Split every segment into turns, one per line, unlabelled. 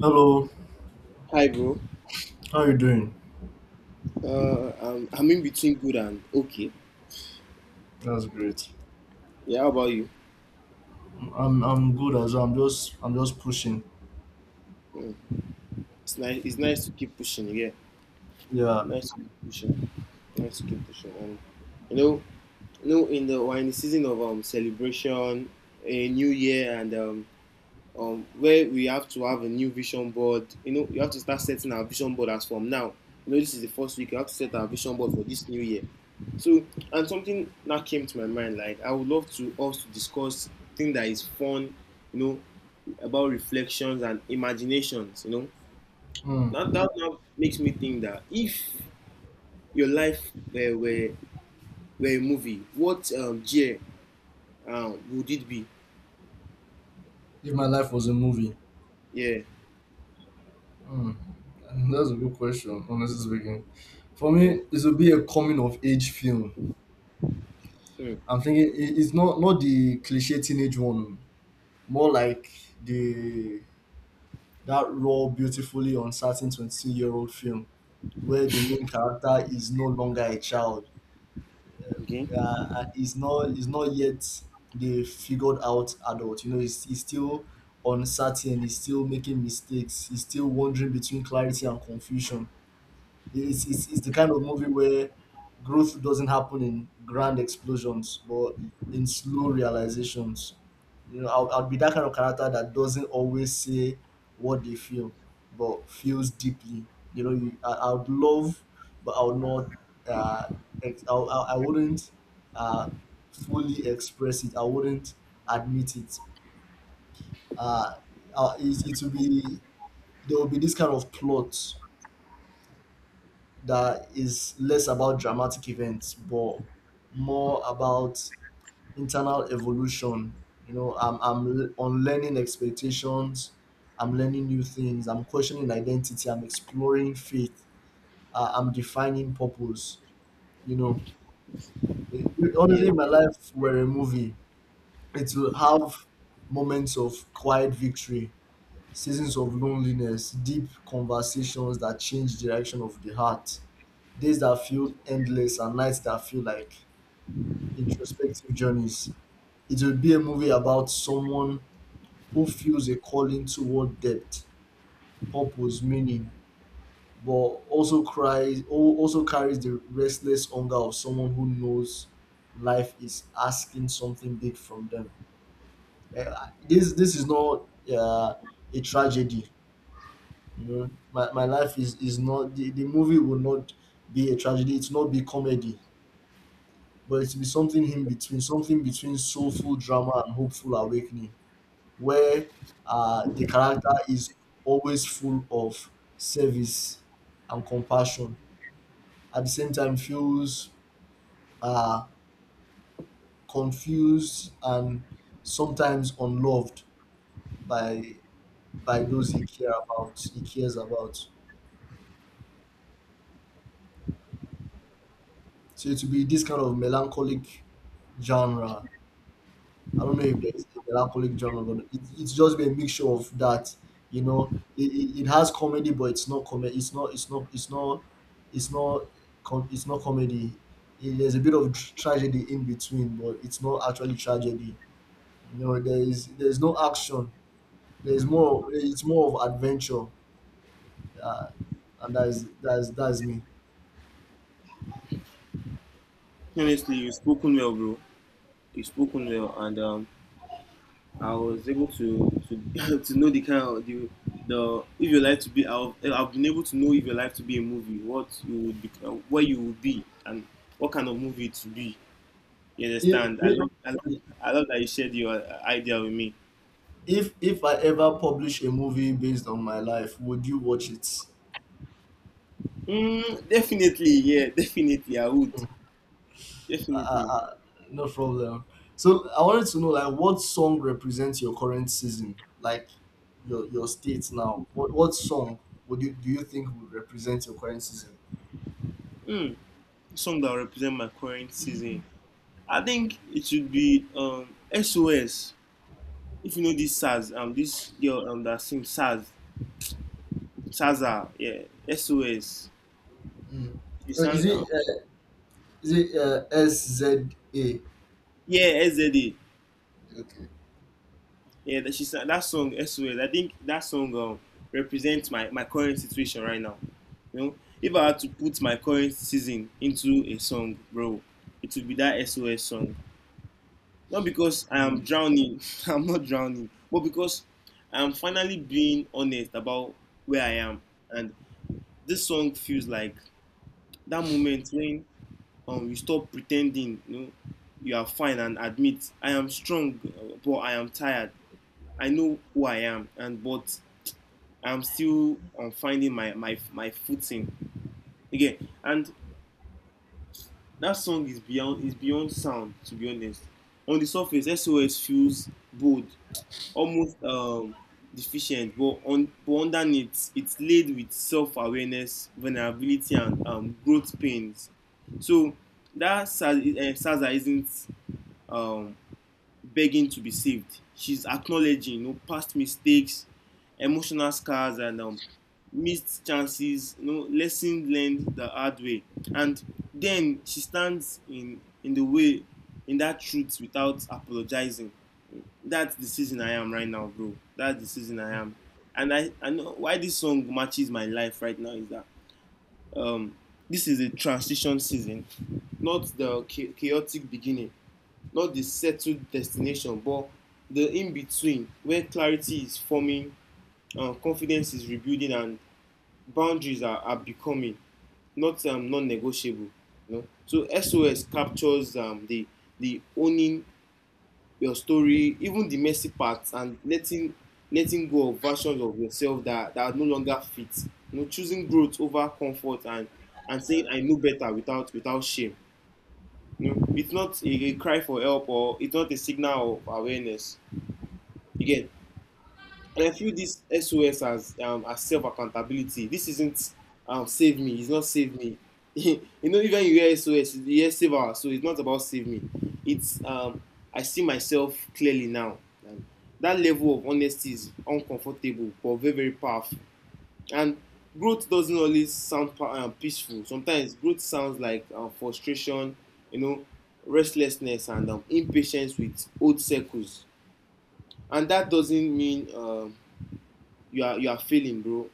Hello,
Hi, bro.
how you doing?
I'm in between good and okay.
That's great.
Yeah, how about you?
I'm good as well. I'm just pushing.
Mm. It's nice. It's nice to keep pushing. Yeah,
Yeah.
nice to keep pushing. Nice to keep pushing. And you know, you know, in the we're in the season of celebration, a new year, and where we have to have a new vision board. You have to start setting our vision board as from now. This is the first week. You have to set our vision board for this new year. So, and something that came to my mind, like I would love to us to discuss thing that is fun, you know, about reflections and imaginations. You know,
Hmm.
that that now makes me think that if your life were a movie, what year would it be?
If my life was a movie,
Yeah,
hmm, that's a good question. Honestly speaking, for me,
yeah.
it would be a coming of age film.
Hmm.
I'm thinking it's not the cliche teenage one. Oh. More like the that raw, beautifully uncertain 22-year-old old film where the main character is no longer a child,
Okay.
is not yet the figured out adult. You know, he's still uncertain. He's still making mistakes. He's still wandering between clarity and confusion. It's the kind of movie where growth doesn't happen in grand explosions, but in slow realizations. You know, I'll be that kind of character that doesn't always say what they feel, but feels deeply. I would love, but I would not. Uh, I wouldn't uh, fully express it. I wouldn't admit it. Uh, it will be— There will be this kind of plot that is less about dramatic events but more about internal evolution. You know, I'm on learning expectations. I'm learning new things, I'm questioning identity, I'm exploring faith, I'm defining purpose, you know. Eh,
Yeah.
Honestly, if my life were a movie, it will have moments of quiet victory, seasons of loneliness, deep conversations that change direction of the heart, days that feel endless and nights that feel like introspective journeys. It will be a movie about someone who feels a calling toward depth, purpose, meaning, but also also carries the restless hunger of someone who knows life is asking something big from them. Eh, this is not uh, a tragedy. You know, my life is not— the movie will not be a tragedy, it's not be comedy, but it will be something in between, something between soulful drama and hopeful awakening, where the character is always full of service and compassion. At the same time, feels uh, confused and sometimes unloved by— by those he cares about. So it will be this kind of melancholic genre. I don't know if there's a melancholic drama, but it's just a mixture of that. You know, it has comedy, but it's not comedy. It's not. It's not. It's not. It's not. Com- It's not comedy. There's a bit of tragedy in between, but it's not actually tragedy. You know, there is no action. There is more. It's more of adventure, uh, and that is me.
Honestly, you've spoken well, bro. You've spoken well, and I was able to to know the kind of the if your life to be. I've been able to know if your life to be a movie, what you would be, where you would be, and what kind of movie it would be. You
If,
understand?
if
I love that you shared your idea with me.
if if I ever publish a movie based on my life, would you watch it?
Mm, definitely, yeah, definitely, I would.
Uh, uh,
Definitely.
uh, no problem. So I wanted to know, like, what song represents your current season, like your state now? What song would you do you think would represent your current season?
Mm, song that will represent my current season. I think it should be SOS. If you know this Saz, this girl that sings Saz, Saza, yeah, SOS.
Mm.
She
Is
sang,
it SZA?
yeah, SZA.
Okay.
Yeah, that she sang that song SOS. I think that song represents my current situation right now. You know, if I had to put my current season into a song, bro, it would be that SOS song. Not because I am
Mm.
drowning, I'm not drowning, but because I am finally being honest about where I am. And this song feels like that moment when you stop pretending, you are fine and admit I am strong, but I am tired. I know who I am, and but I'm still finding my footing again. And that song is beyond sound, to be honest. On the surface, SOS feels bold, almost deficient, but on but underneath, it's laid with self-awareness, vulnerability, and growth pains. So that Saza isn't um, begging to be saved. She's acknowledging, past mistakes, emotional scars, and missed chances, lessons learned the hard way. And then she stands in the way, in that truth without apologizing. That's the season I am right now, bro. That's the season I am. And I know why this song matches my life right now is that um, this is a transition season, not the chaotic beginning, not the settled destination, but the in between, where clarity is forming, confidence is rebuilding, and boundaries are becoming not non-negotiable, you know? So SOS captures the owning your story, even the messy parts, and letting go of versions of yourself that are no longer fit, choosing growth over comfort, and saying I know better without shame, it's not a cry for help, or it's not a signal of awareness. Again, and I feel this SOS as self accountability. This isn't save me. It's not save me. Even you hear SOS, you hear save us. So it's not about save me. It's I see myself clearly now. And that level of honesty is uncomfortable but very very powerful. And growth doesn't always sound peaceful. Sometimes growth sounds like frustration, you know, restlessness, and impatience with old circles. And that doesn't mean you are failing, bro.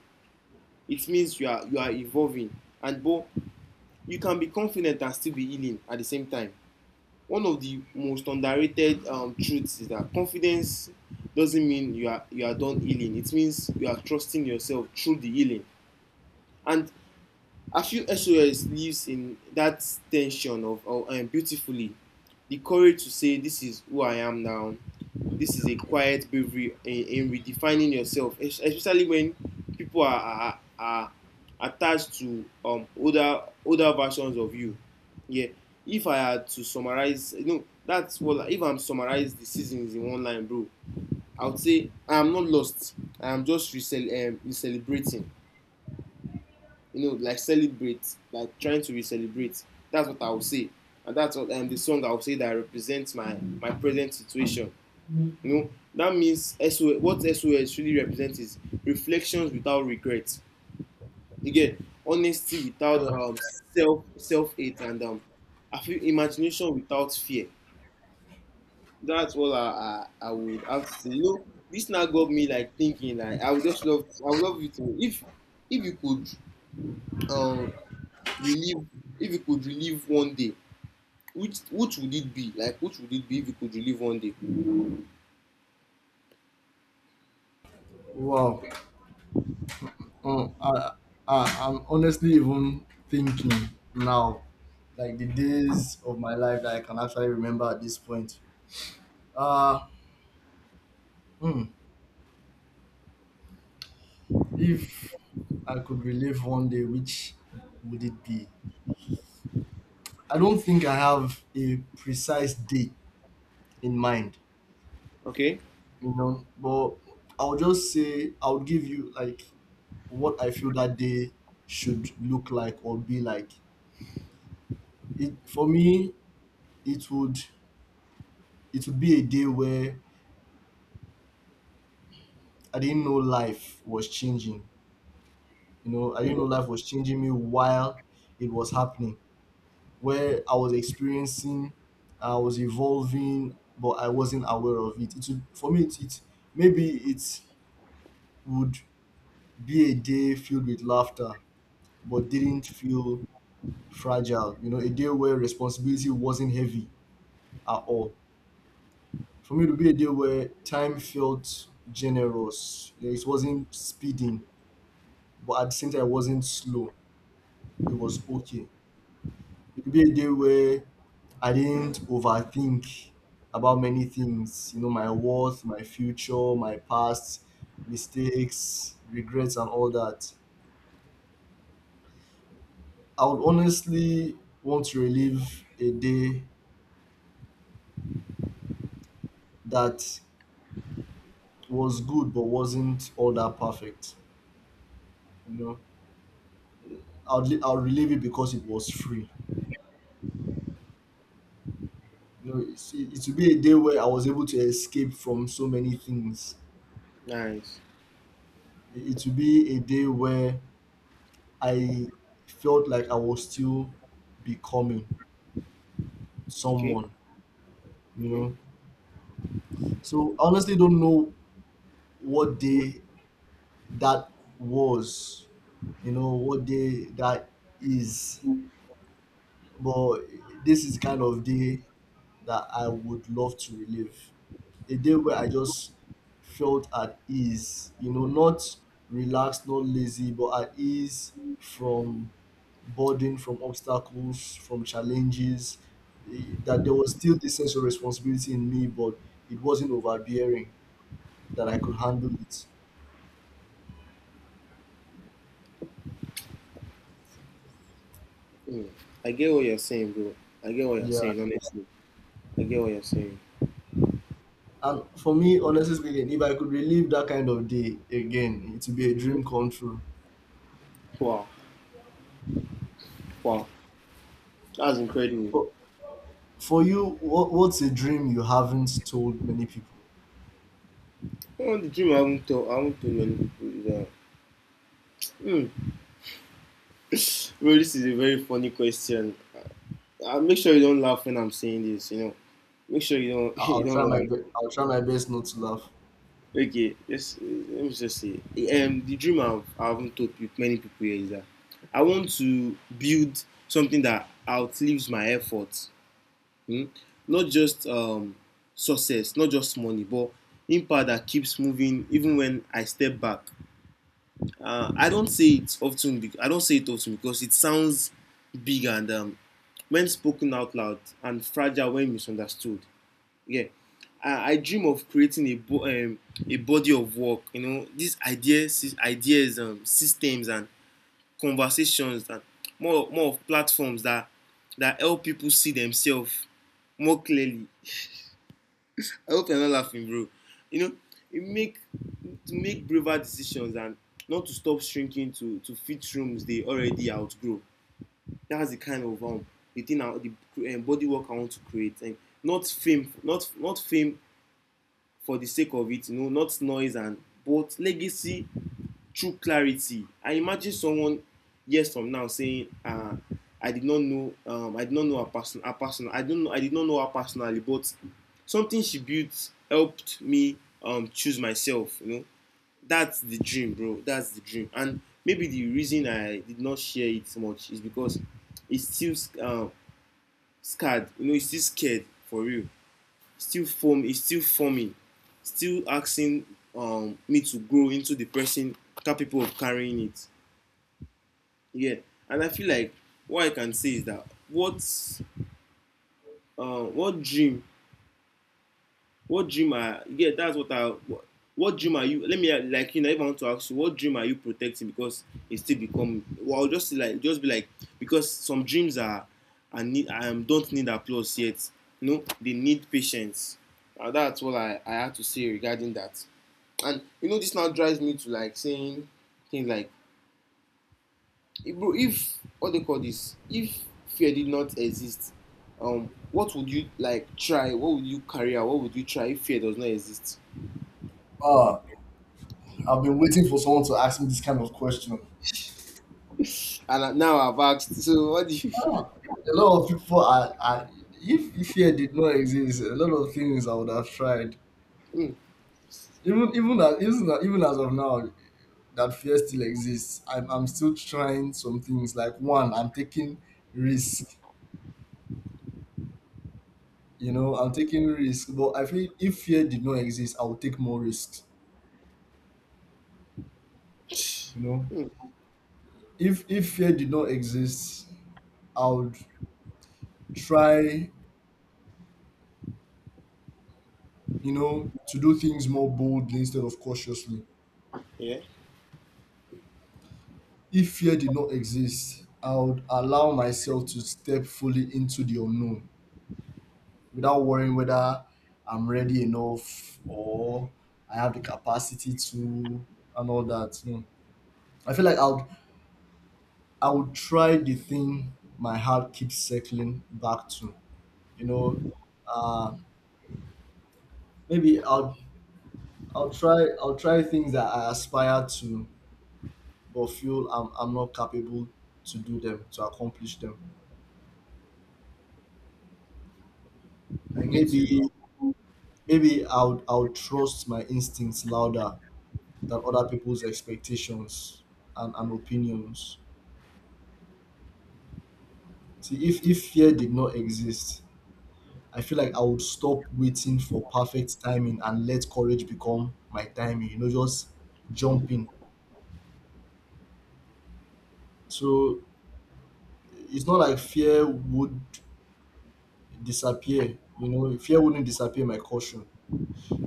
It means you are evolving. And bro, you can be confident and still be healing at the same time. One of the most underrated truths is that confidence doesn't mean you are done healing. It means you are trusting yourself through the healing. And I feel SOS lives in that tension of, beautifully, the courage to say, "This is who I am now." This is a quiet bravery in redefining yourself, especially when people are attached to older versions of you. Yeah. If I had to summarize, if I'm summarized the seasons in one line, bro, I would say I'm not lost. I'm just celebrating, like celebrate, like trying to re-celebrate. That's what I would say, and that's what the song I would say that represents my present situation. You know, that means SOS, what SOS really represents is reflections without regret. You get honesty without
Uh,
self hate, and I feel imagination without fear. That's what I would have to say. This now got me like thinking, like, I would love you to, if you could um relive if you could relive one day, which would it be? If you could relive one day?
wow. Um, I, I, I'm honestly even thinking now, like, the days of my life that I can actually remember at this point. Uh, hmm. If I could relive one day, which would it be? I don't think I have a precise date in mind,
Okay.
you know, but I'll just say— I'll give you like what I feel that day should look like or be like. It for me, it would— It would be a day where I didn't know life was changing. You know, I didn't know
Mm.
life was changing me while it was happening, where I was experiencing, I was evolving, but I wasn't aware of it. It would— it maybe it would be a day filled with laughter, but didn't feel fragile. You know, a day where responsibility wasn't heavy at all. For me, it would be a day where time felt generous. You know, it wasn't speeding, but at the same time, it wasn't slow. It was okay. It could be a day where I didn't overthink about many things, you know, my worth, my future, my past, mistakes, regrets, and all that. I would honestly want to relive a day that was good but wasn't all that perfect. You know, I'll relive it because it was free. You know, it would be a day where I was able to escape from so many things.
Nice.
It would be a day where I felt like I was still becoming
Okay,
someone, you
okay.
know. So I honestly don't know what day that was, you know, what day that is, but this is the kind of day that I would love to relive. A day where I just felt at ease, you know, not relaxed, not lazy, but at ease from burden, from obstacles, from challenges. That there was still this sense of responsibility in me, but it wasn't overbearing, that I could handle it.
Mm. I get what you're saying, bro. I get what you're
Yeah.
saying, honestly. I get what you're saying.
And for me, honestly speaking, if I could relive that kind of day again, it would be a dream
Mhm.
come true.
Wow, wow, that's incredible.
But for you, what's a dream you haven't told many people?
Oh, the dream I haven't told many people is that mm. bro, this is a very funny question. I make sure you don't laugh when I'm saying this, make sure you don't you don't laugh.
I'll try my best not to laugh.
Okay, let me just say, the dream I haven't told many people here is that I want to build something that outlives my efforts. Hmm? Not just success, not just money, but impact that keeps moving even when I step back. I don't say it often. I don't say it often because it sounds big, and, when spoken out loud, and fragile when misunderstood. Yeah. I dream of creating a body of work, these ideas, systems, and conversations, and more of platforms that help people see themselves more clearly. I hope you're not laughing, bro you know it make To make braver decisions, and not to stop shrinking to fit rooms they already outgrow. That's the kind of, the thing I, the body work I want to create, and not fame not not fame for the sake of it, not noise, and but legacy through clarity. I imagine someone years from now saying, I did not know, her person, I don't know, I did not know her personally, but something she built helped me choose myself. That's the dream, bro. That's the dream. And maybe the reason I did not share it much is because it's still um scarred, it's still scared for real. Still form is still forming, still asking me to grow into the person capable of carrying it. Yeah, and I feel like what I can say is that, what dream, what dream are, yeah, that's what I, what dream are you, let me, like, you know, if I want to ask you, what dream are you protecting, because it still become, well, I'll just like just be like, because some dreams are, I need, I, don't need applause yet. No, they need patience. That's what I had to say regarding that. And this now drives me to like saying things like, bro, if what they call this, if fear did not exist, what would you like try? What would you carry out? What would you try if fear does not exist?"
Ah, I've been waiting for someone to ask me this kind of question.
And now I've asked, so what do you?
Ah, a lot of people are if fear did not exist, a lot of things I would have tried. Even as of now that fear still exists, I'm still trying some things. Like, one, I'm taking risk, you know, I'm taking risk, but I feel if fear did not exist, I would take more risks, you know. If fear did not exist, I would try, you know, to do things more boldly instead of cautiously.
Yeah,
If fear did not exist, I would allow myself to step fully into the unknown without worrying whether I'm ready enough or I have the capacity to, and all that. No. I feel like I would try the thing my heart keeps circling back to. You know, uh, maybe I'll try things that I aspire to but feel I'm not capable to do them, to accomplish them.
I get you, bro.
Maybe Maybe I'll trust my instincts louder than other people's expectations and opinions. See, if fear did not exist, I feel like I would stop waiting for perfect timing and let courage become my timing, you know, just jump in. So it's not like fear would disappear, you know, fear wouldn't disappear my caution.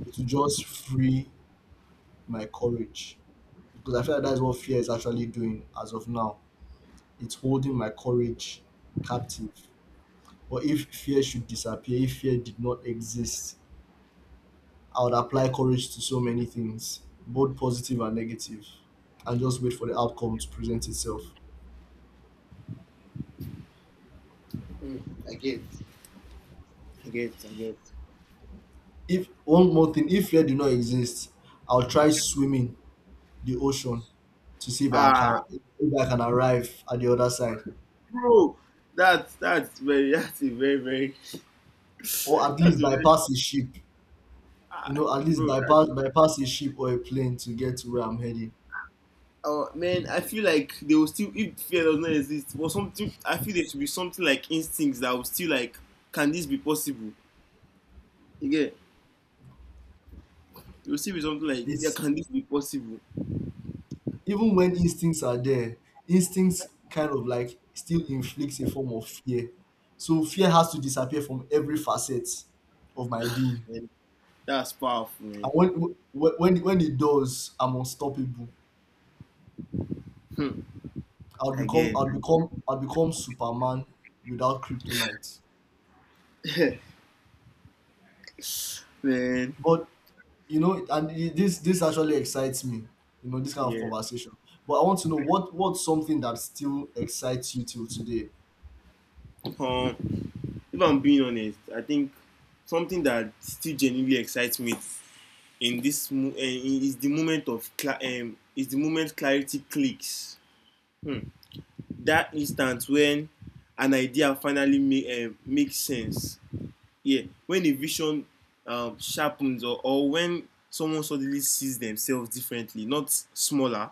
It would just free my courage. Because I feel like that's what fear is actually doing as of now. It's holding my courage captive. But if fear should disappear, if fear did not exist, I would apply courage to so many things, both positive and negative, and just wait for the outcome to present itself.
Mm, I get, I get, I get.
If one more thing, if fear did not exist, I'll try swimming the ocean to see if I
Ah,
can— if I can arrive at the other side,
bro, that's very, that's a very very,
or at least
that's a very,
bypass a ship.
ah,
You know, at least
bro.
bypass a ship or a plane to get to where I'm heading.
Oh man, I feel like they will still, if fear does not exist, but something, I feel there should be something like instincts that will still like, can this be possible? Again, there will still be something like, yeah,
It's
can this be possible?
Even when instincts are there, instincts kind of like still inflicts a form of fear. So fear has to disappear from every facet of my being.
Man, that's powerful,
And
man.
when it does, I'm unstoppable.
Hmm. Again,
I'll become Superman without kryptonite.
man.
But you know, and this actually excites me. You know, this kind of
Yeah.
conversation. But I want to know what— what's something that still excites you till today.
Um, if I'm being honest, I think something that still genuinely excites me in this mo- eh, is the moment clarity clicks. Hmm. That instant when an idea finally makes sense. Yeah, when a vision sharpens, or when someone suddenly sees themselves differently, not smaller,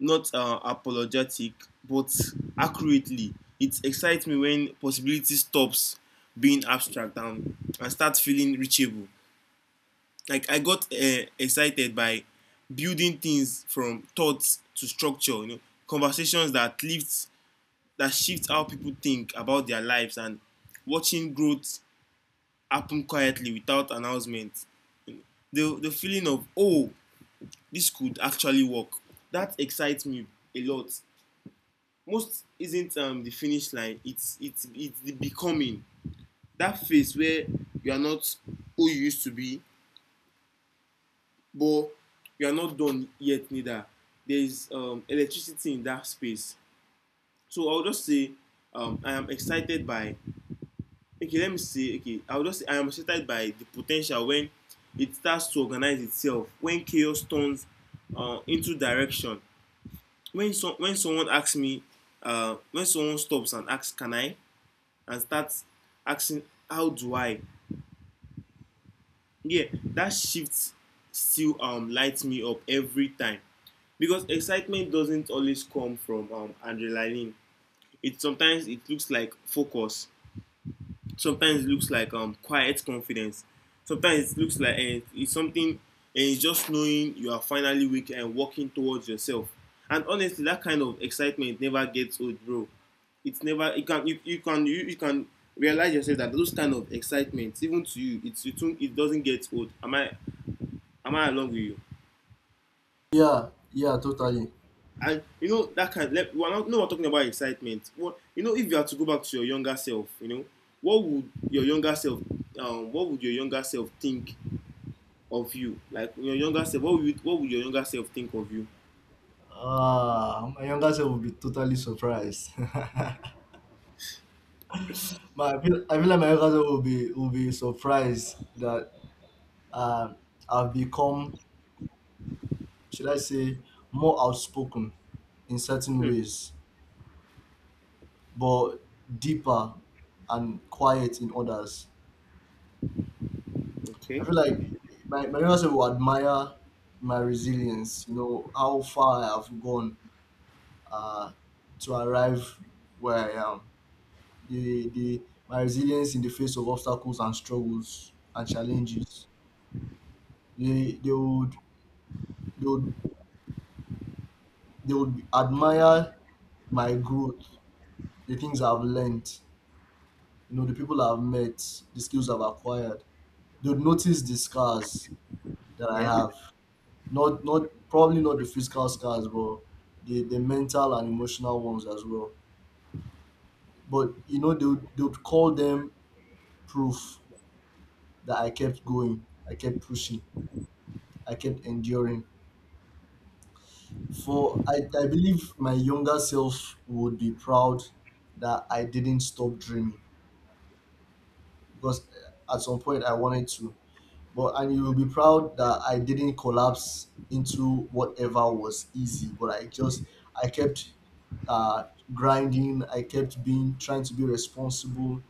not apologetic, but accurately. It excites me when possibility stops being abstract and starts feeling reachable. Like I got excited by building things from thoughts to structure, you know, conversations that lived that shifts how people think about their lives, and watching growth happen quietly without announcement. The feeling of, oh, this could actually work, that excites me a lot. Most isn't the finish line, it's the becoming. That phase where you are not who you used to be, but you are not done yet neither. There is electricity in that space. So I'll just say I am excited by, okay let me see, okay I will just say I am excited by the potential when it starts to organize itself, when chaos turns into direction, when some when someone asks me, when someone stops and asks, can I, and starts asking, how do I? Yeah, that shift still lights me up every time, because excitement doesn't always come from adrenaline. It sometimes it looks like focus, sometimes it looks like quiet confidence, sometimes it looks like it's something, and it's just knowing you are finally weak and walking towards yourself. And honestly, that kind of excitement never gets old, bro. It's never, you can you can realize yourself that those kind of excitements, even to you, it doesn't get old. Am I, am I along with you?
Yeah, yeah, totally.
And you know, that kind, let, we're not, no, we're talking about excitement. What, you know, if you had to go back to your younger self, you know, what would your younger self, what would your younger self think of you? Like your younger self, what would, what would your younger self think of you?
Ah, my younger self will be totally surprised. But I feel like my younger self will be surprised that um I've become, should I say, more outspoken in certain
Hmm.
ways, but deeper and quiet in others. I
Okay.
feel like my younger self will admire my resilience. You know, how far I have gone uh, to arrive where I am. The My resilience in the face of obstacles and struggles and challenges. They they would they would they would admire my growth, the things I've learned, you know, the people I've met, the skills I've acquired. They would notice the scars that I
Yeah.
have. Not probably not the physical scars, but the mental and emotional ones as well. But you know, they would call them proof that I kept going, I kept pushing, I kept enduring. For I believe my younger self would be proud that I didn't stop dreaming, because at some point I wanted to. But and you will be proud that I didn't collapse into whatever was easy, but I just I kept uh, grinding. I kept being trying to be responsible.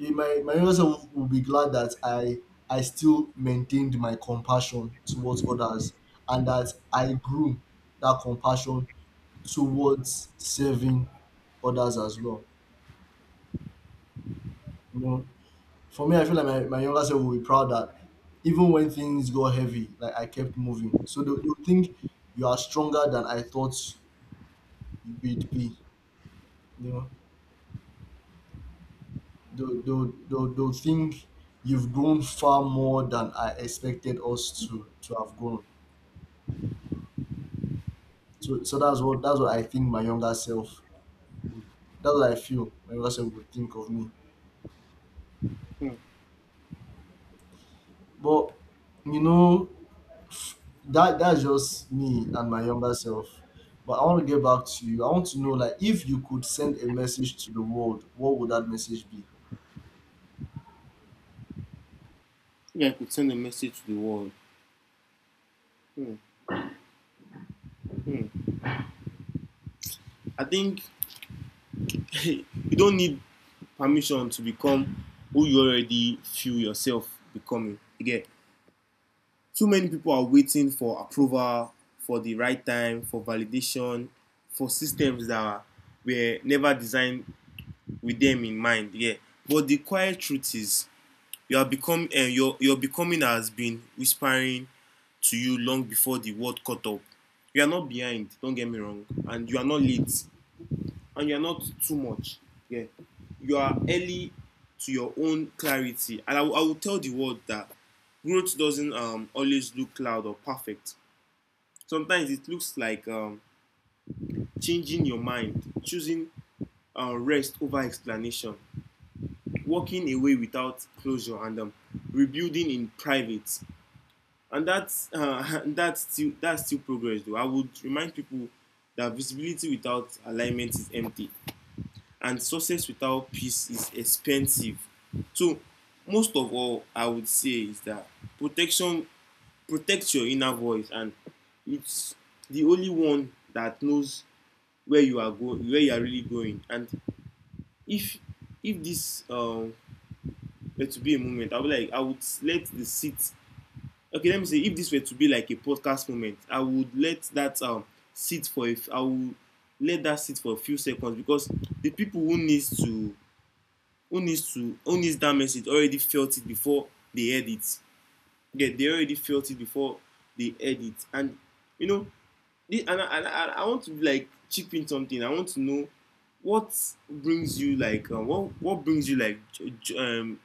My younger self will be glad that I still maintained my compassion towards others and that I grew that compassion towards serving others as well. You know, for me, I feel like my younger self will be proud that even when things got heavy, like I kept moving. So they'll think you are stronger than I thought you would be. You know, they'll think you've grown far more than I expected us to have grown. So that's what I think my younger self would that's what I feel my younger self would think of me.
Hmm.
But you know, that's just me and my younger self. But I want to get back to you. I want to know, like, if you could send a message to the world, what would that message be?
Yeah, I could send a message to the world. Hmm. Hmm. I think you don't need permission to become who you already feel yourself becoming. Again, too many people are waiting for approval, for the right time, for validation, for systems that were never designed with them in mind. Yeah. But the quiet truth is, you are become, your becoming has been whispering to you long before the world caught up. You are not behind, don't get me wrong, and you are not late, and you are not too much. Yeah, you are early to your own clarity, and will tell the world that growth doesn't always look loud or perfect. Sometimes it looks like changing your mind, choosing rest over explanation, walking away without closure, and rebuilding in private. And that's that's still progress. Though I would remind people that visibility without alignment is empty, and success without peace is expensive. So most of all, I would say is that protection protects your inner voice, and it's the only one that knows where you are going, where you are really going. And if if this were to be a moment, I would like, I would let the seat, okay let me say, if this were to be like a podcast moment, I would let that sit for I would let that sit for a few seconds, because the people who needs to, who needs that message already felt it before they heard it. Yeah, they already felt it before they heard it. And you know, and, I, I want to like chip in something. I want to know what brings you like, what brings you like, um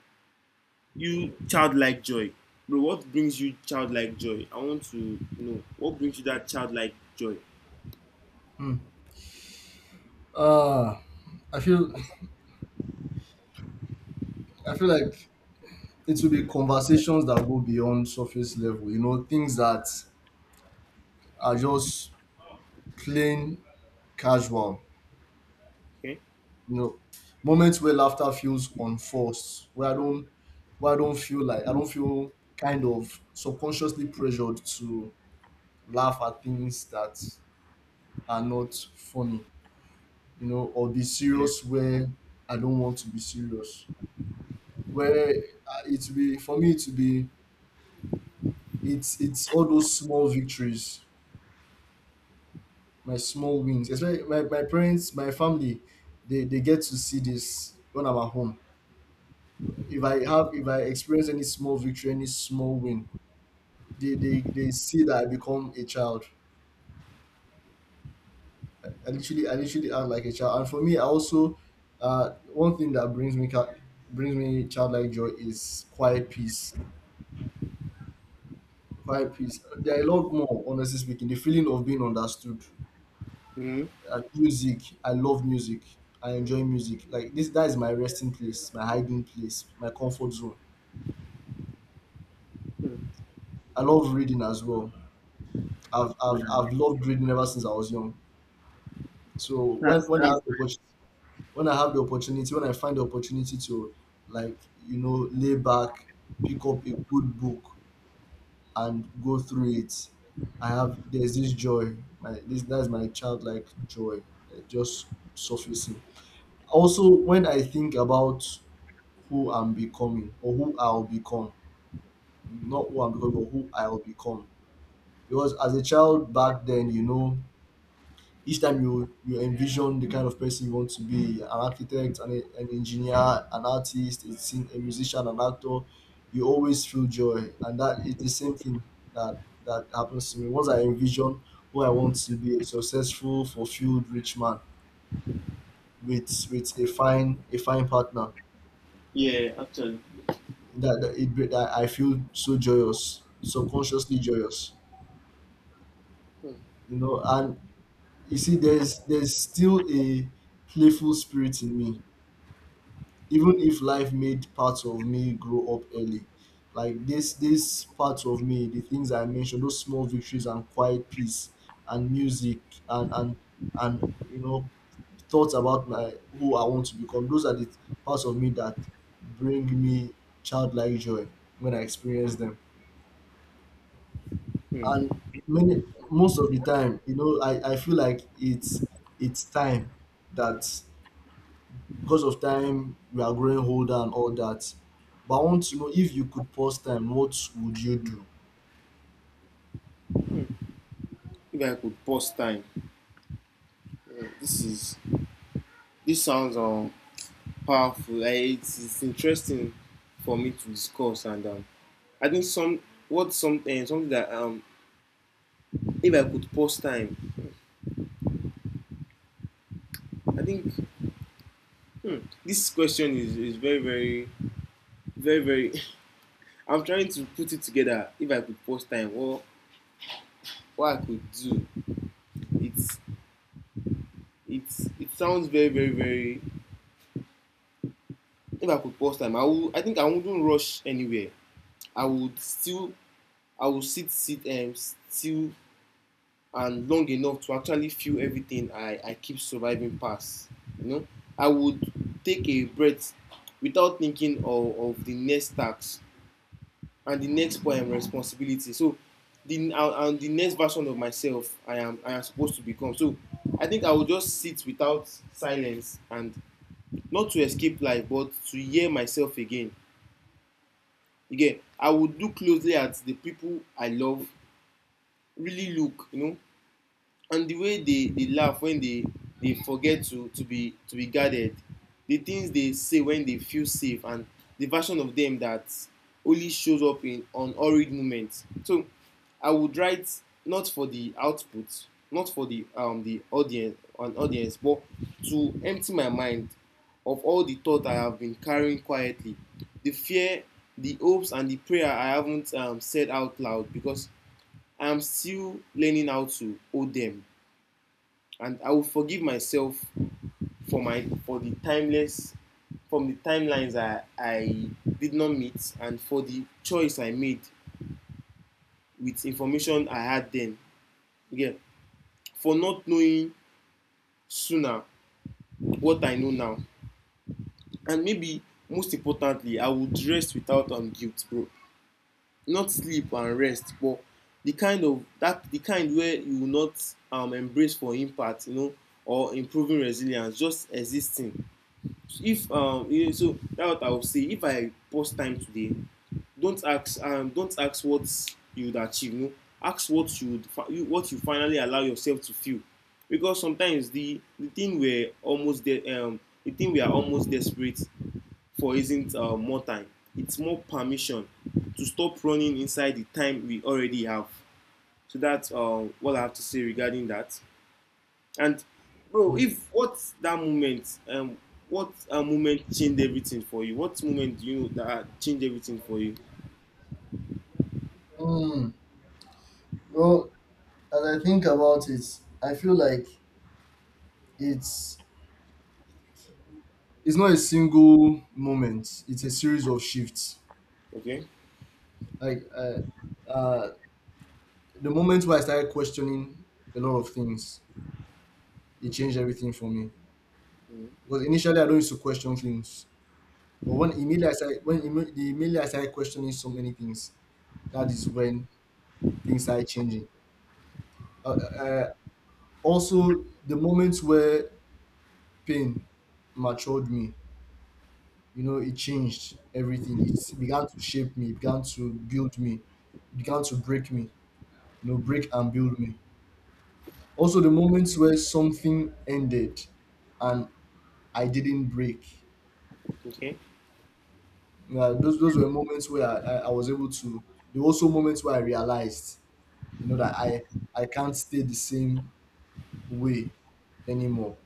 you childlike joy. Bro, what brings you childlike joy? I want to know what brings you that childlike joy.
Ah, I feel I feel like it will be conversations that go beyond surface level, you know, things that are just plain casual.
Okay.
You know, moments where laughter feels unforced, where I don't feel like I don't feel kind of subconsciously pressured to laugh at things that are not funny, you know, or be
Yeah.
serious where I don't want to be serious. Where it will be for me to be it's all those small victories, my small wins. Especially my parents, my family, they get to see this when I'm at home. If I experience any small victory, any small win, they see that I become a child. I literally act like a child. And for me, I also, one thing that brings me childlike joy is quiet peace. Quiet peace. There are a lot more, honestly speaking. The feeling of being understood.
Hmm.
Music. I love music. I enjoy music. Like this, that is my resting place, my hiding place, my comfort zone. I love reading as well. I've, I've,
Like,
I've loved reading ever since I was young. So when,
that's,
when I
that's,
have the when I have the opportunity, when I find the opportunity to, like, you know, lay back, pick up a good book and go through it, I have there's this joy. My this that's my childlike joy that just surfacing. Also, when I think about who I'm becoming or who I'll become. Not who I'm becoming, but who I'll become. Because as a child back then, you know, each time you envision the kind of person you want to be, an architect, an engineer, an artist, a musician, an actor, you always feel joy. And that is the same thing that happens to me. Once I envision who I want to be, a successful, fulfilled, rich man with a fine partner,
yeah, actually.
that I feel so joyous, subconsciously joyous, you know. And you see, there's still a playful spirit in me, even if life made parts of me grow up early. Like this part of me, the things I mentioned, those small victories and quiet peace and music, and and and you know, thoughts about my who I want to become, those are the parts of me that bring me childlike joy when I experience them.
Hmm.
And many most of the time, you know, I feel like it's time that, because of time we are growing older and all that. But I want to know, if you could pause time, what would you do?
If I could pause time. Yeah, this is, this sounds powerful. Like it's interesting for me to discuss. And I think some, what, something that if I could pause time, I think, hmm, this question is very very I'm trying to put it together. If I could post time, or what I could do, it's it's it sounds very. If I could post time, I would. I think I wouldn't rush anywhere. I would still. I would sit still and long enough to actually feel everything I keep surviving past. You know, I would take a breath without thinking of the next task and the next poem responsibility, so the and the next version of myself I am, I am supposed to become. So I think I will just sit without silence, and not to escape life, but to hear myself again. Again, I would look closely at the people I love, really look, you know, and the way they laugh when they forget to be guarded, the things they say when they feel safe, and the version of them that only shows up in on horrid moments. So I would write, not for the output, not for the audience, an audience, but to empty my mind of all the thought I have been carrying quietly, the fear, the hopes, and the prayer I haven't said out loud, because I am still learning how to hold them. And I will forgive myself for my, for the timeless, from the timelines I did not meet, and for the choice I made with information I had then. Yeah, for not knowing sooner what I know now. And maybe most importantly, I would rest without guilt, bro. Not sleep and rest, but the kind of, that the kind where you will not embrace for impact, you know, or improving resilience, just existing. If you, so that's what I would say if I post time today. Don't ask, don't ask what you would achieve. No, ask what you would what you finally allow yourself to feel, because sometimes the thing the thing we are almost desperate for isn't more time, it's more permission to stop running inside the time we already have. So that's what I have to say regarding that. And bro, if what's that moment? What moment changed everything for you? What moment do you know that changed everything for you?
Mm, well, as I think about it, I feel like it's it's not a single moment. It's a series of shifts.
Okay.
Like uh, the moment where I started questioning a lot of things, it changed everything for me.
Mm.
Because initially I don't used to question things, but when immediately I started, when imme- the immediately I started questioning so many things, that is when things started changing. Uh, uh, Also, the moments where pain matured me, you know, it changed everything. It began to shape me, it began to build me, it began to break me, you know, break and build me. Also, the moments where something ended and I didn't break.
Okay.
Yeah, those were moments where I was able to, there were also moments where I realized, you know, that I can't stay the same way anymore.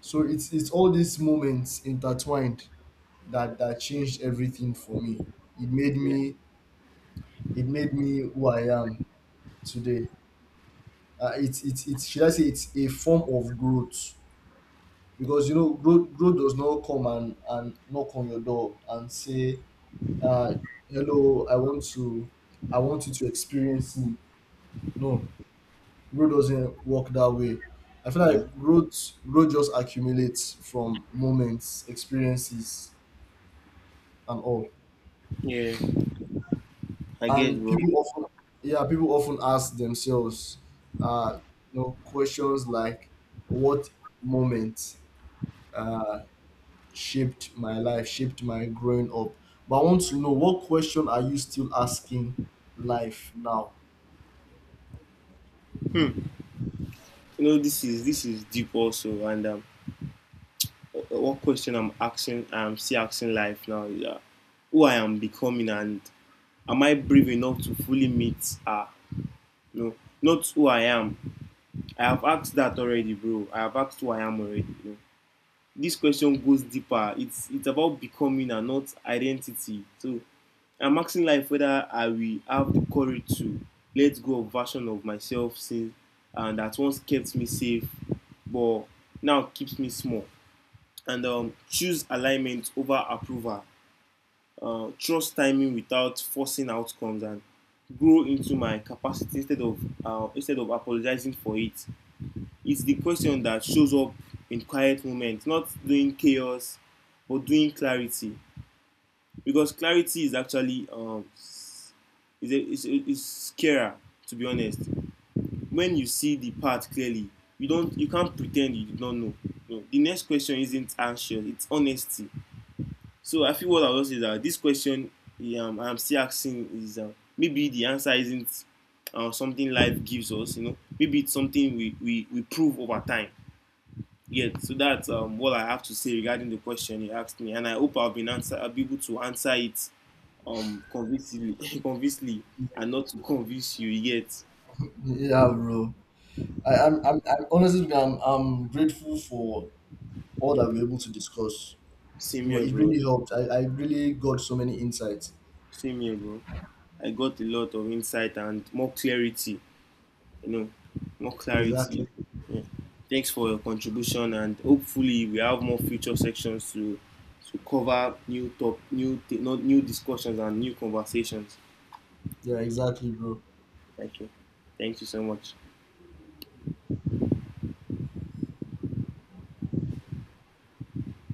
So it's all these moments intertwined that changed everything for me. It made
Yeah.
me it made me who I am today. It's, should I say, it's a form of growth, because you know, growth does not come and knock on your door and say, uh, hello, I want you to experience me. No, growth doesn't work that way. I feel
Yeah.
like growth just accumulates from moments, experiences, and all.
Yeah, I get,
And
bro.
people often Yeah, people often ask themselves, uh you know, questions like, what moment uh shaped my life, shaped my growing up? But I want to know, what question are you still asking life now?
Hmm. You know, this is deep also, and what question I'm asking, I'm still asking life now, is who I am becoming, and am I brave enough to fully meet? No, not who I am. I have asked that already, bro. I have asked who I am already. You know? This question goes deeper. It's about becoming and not identity. So I'm asking life whether I will have the courage to let go of version of myself since, and that once kept me safe, but now keeps me small. And choose alignment over approval. Trust timing without forcing outcomes, and grow into my capacity instead of apologizing for it. It's the question that shows up in quiet moments, not doing chaos, but doing clarity. Because clarity is actually is a, is, is scarier, to be honest. When you see the path clearly, you don't, you can't pretend you don't know. No. The next question isn't anxious; it's honesty. So I feel what I was saying is that this question I'm still asking is, maybe the answer isn't something life gives us. You know, maybe it's something we we prove over time. Yeah, so that's what I have to say regarding the question you asked me, and I hope I've been answer, I'll be able to answer it convincingly, convincingly, and not to convince you yet.
Yeah, bro. I'm, honestly speaking, I'm grateful for all that we're able to discuss.
Same here,
It
bro.
really helped. I really got so many insights.
Same here, bro. I got a lot of insight and more clarity. You know, more clarity.
Exactly.
Yeah. Thanks for your contribution, and hopefully we have more future sections to cover new top, not new discussions and new conversations.
Yeah, exactly, bro.
Thank you. Thank you so much.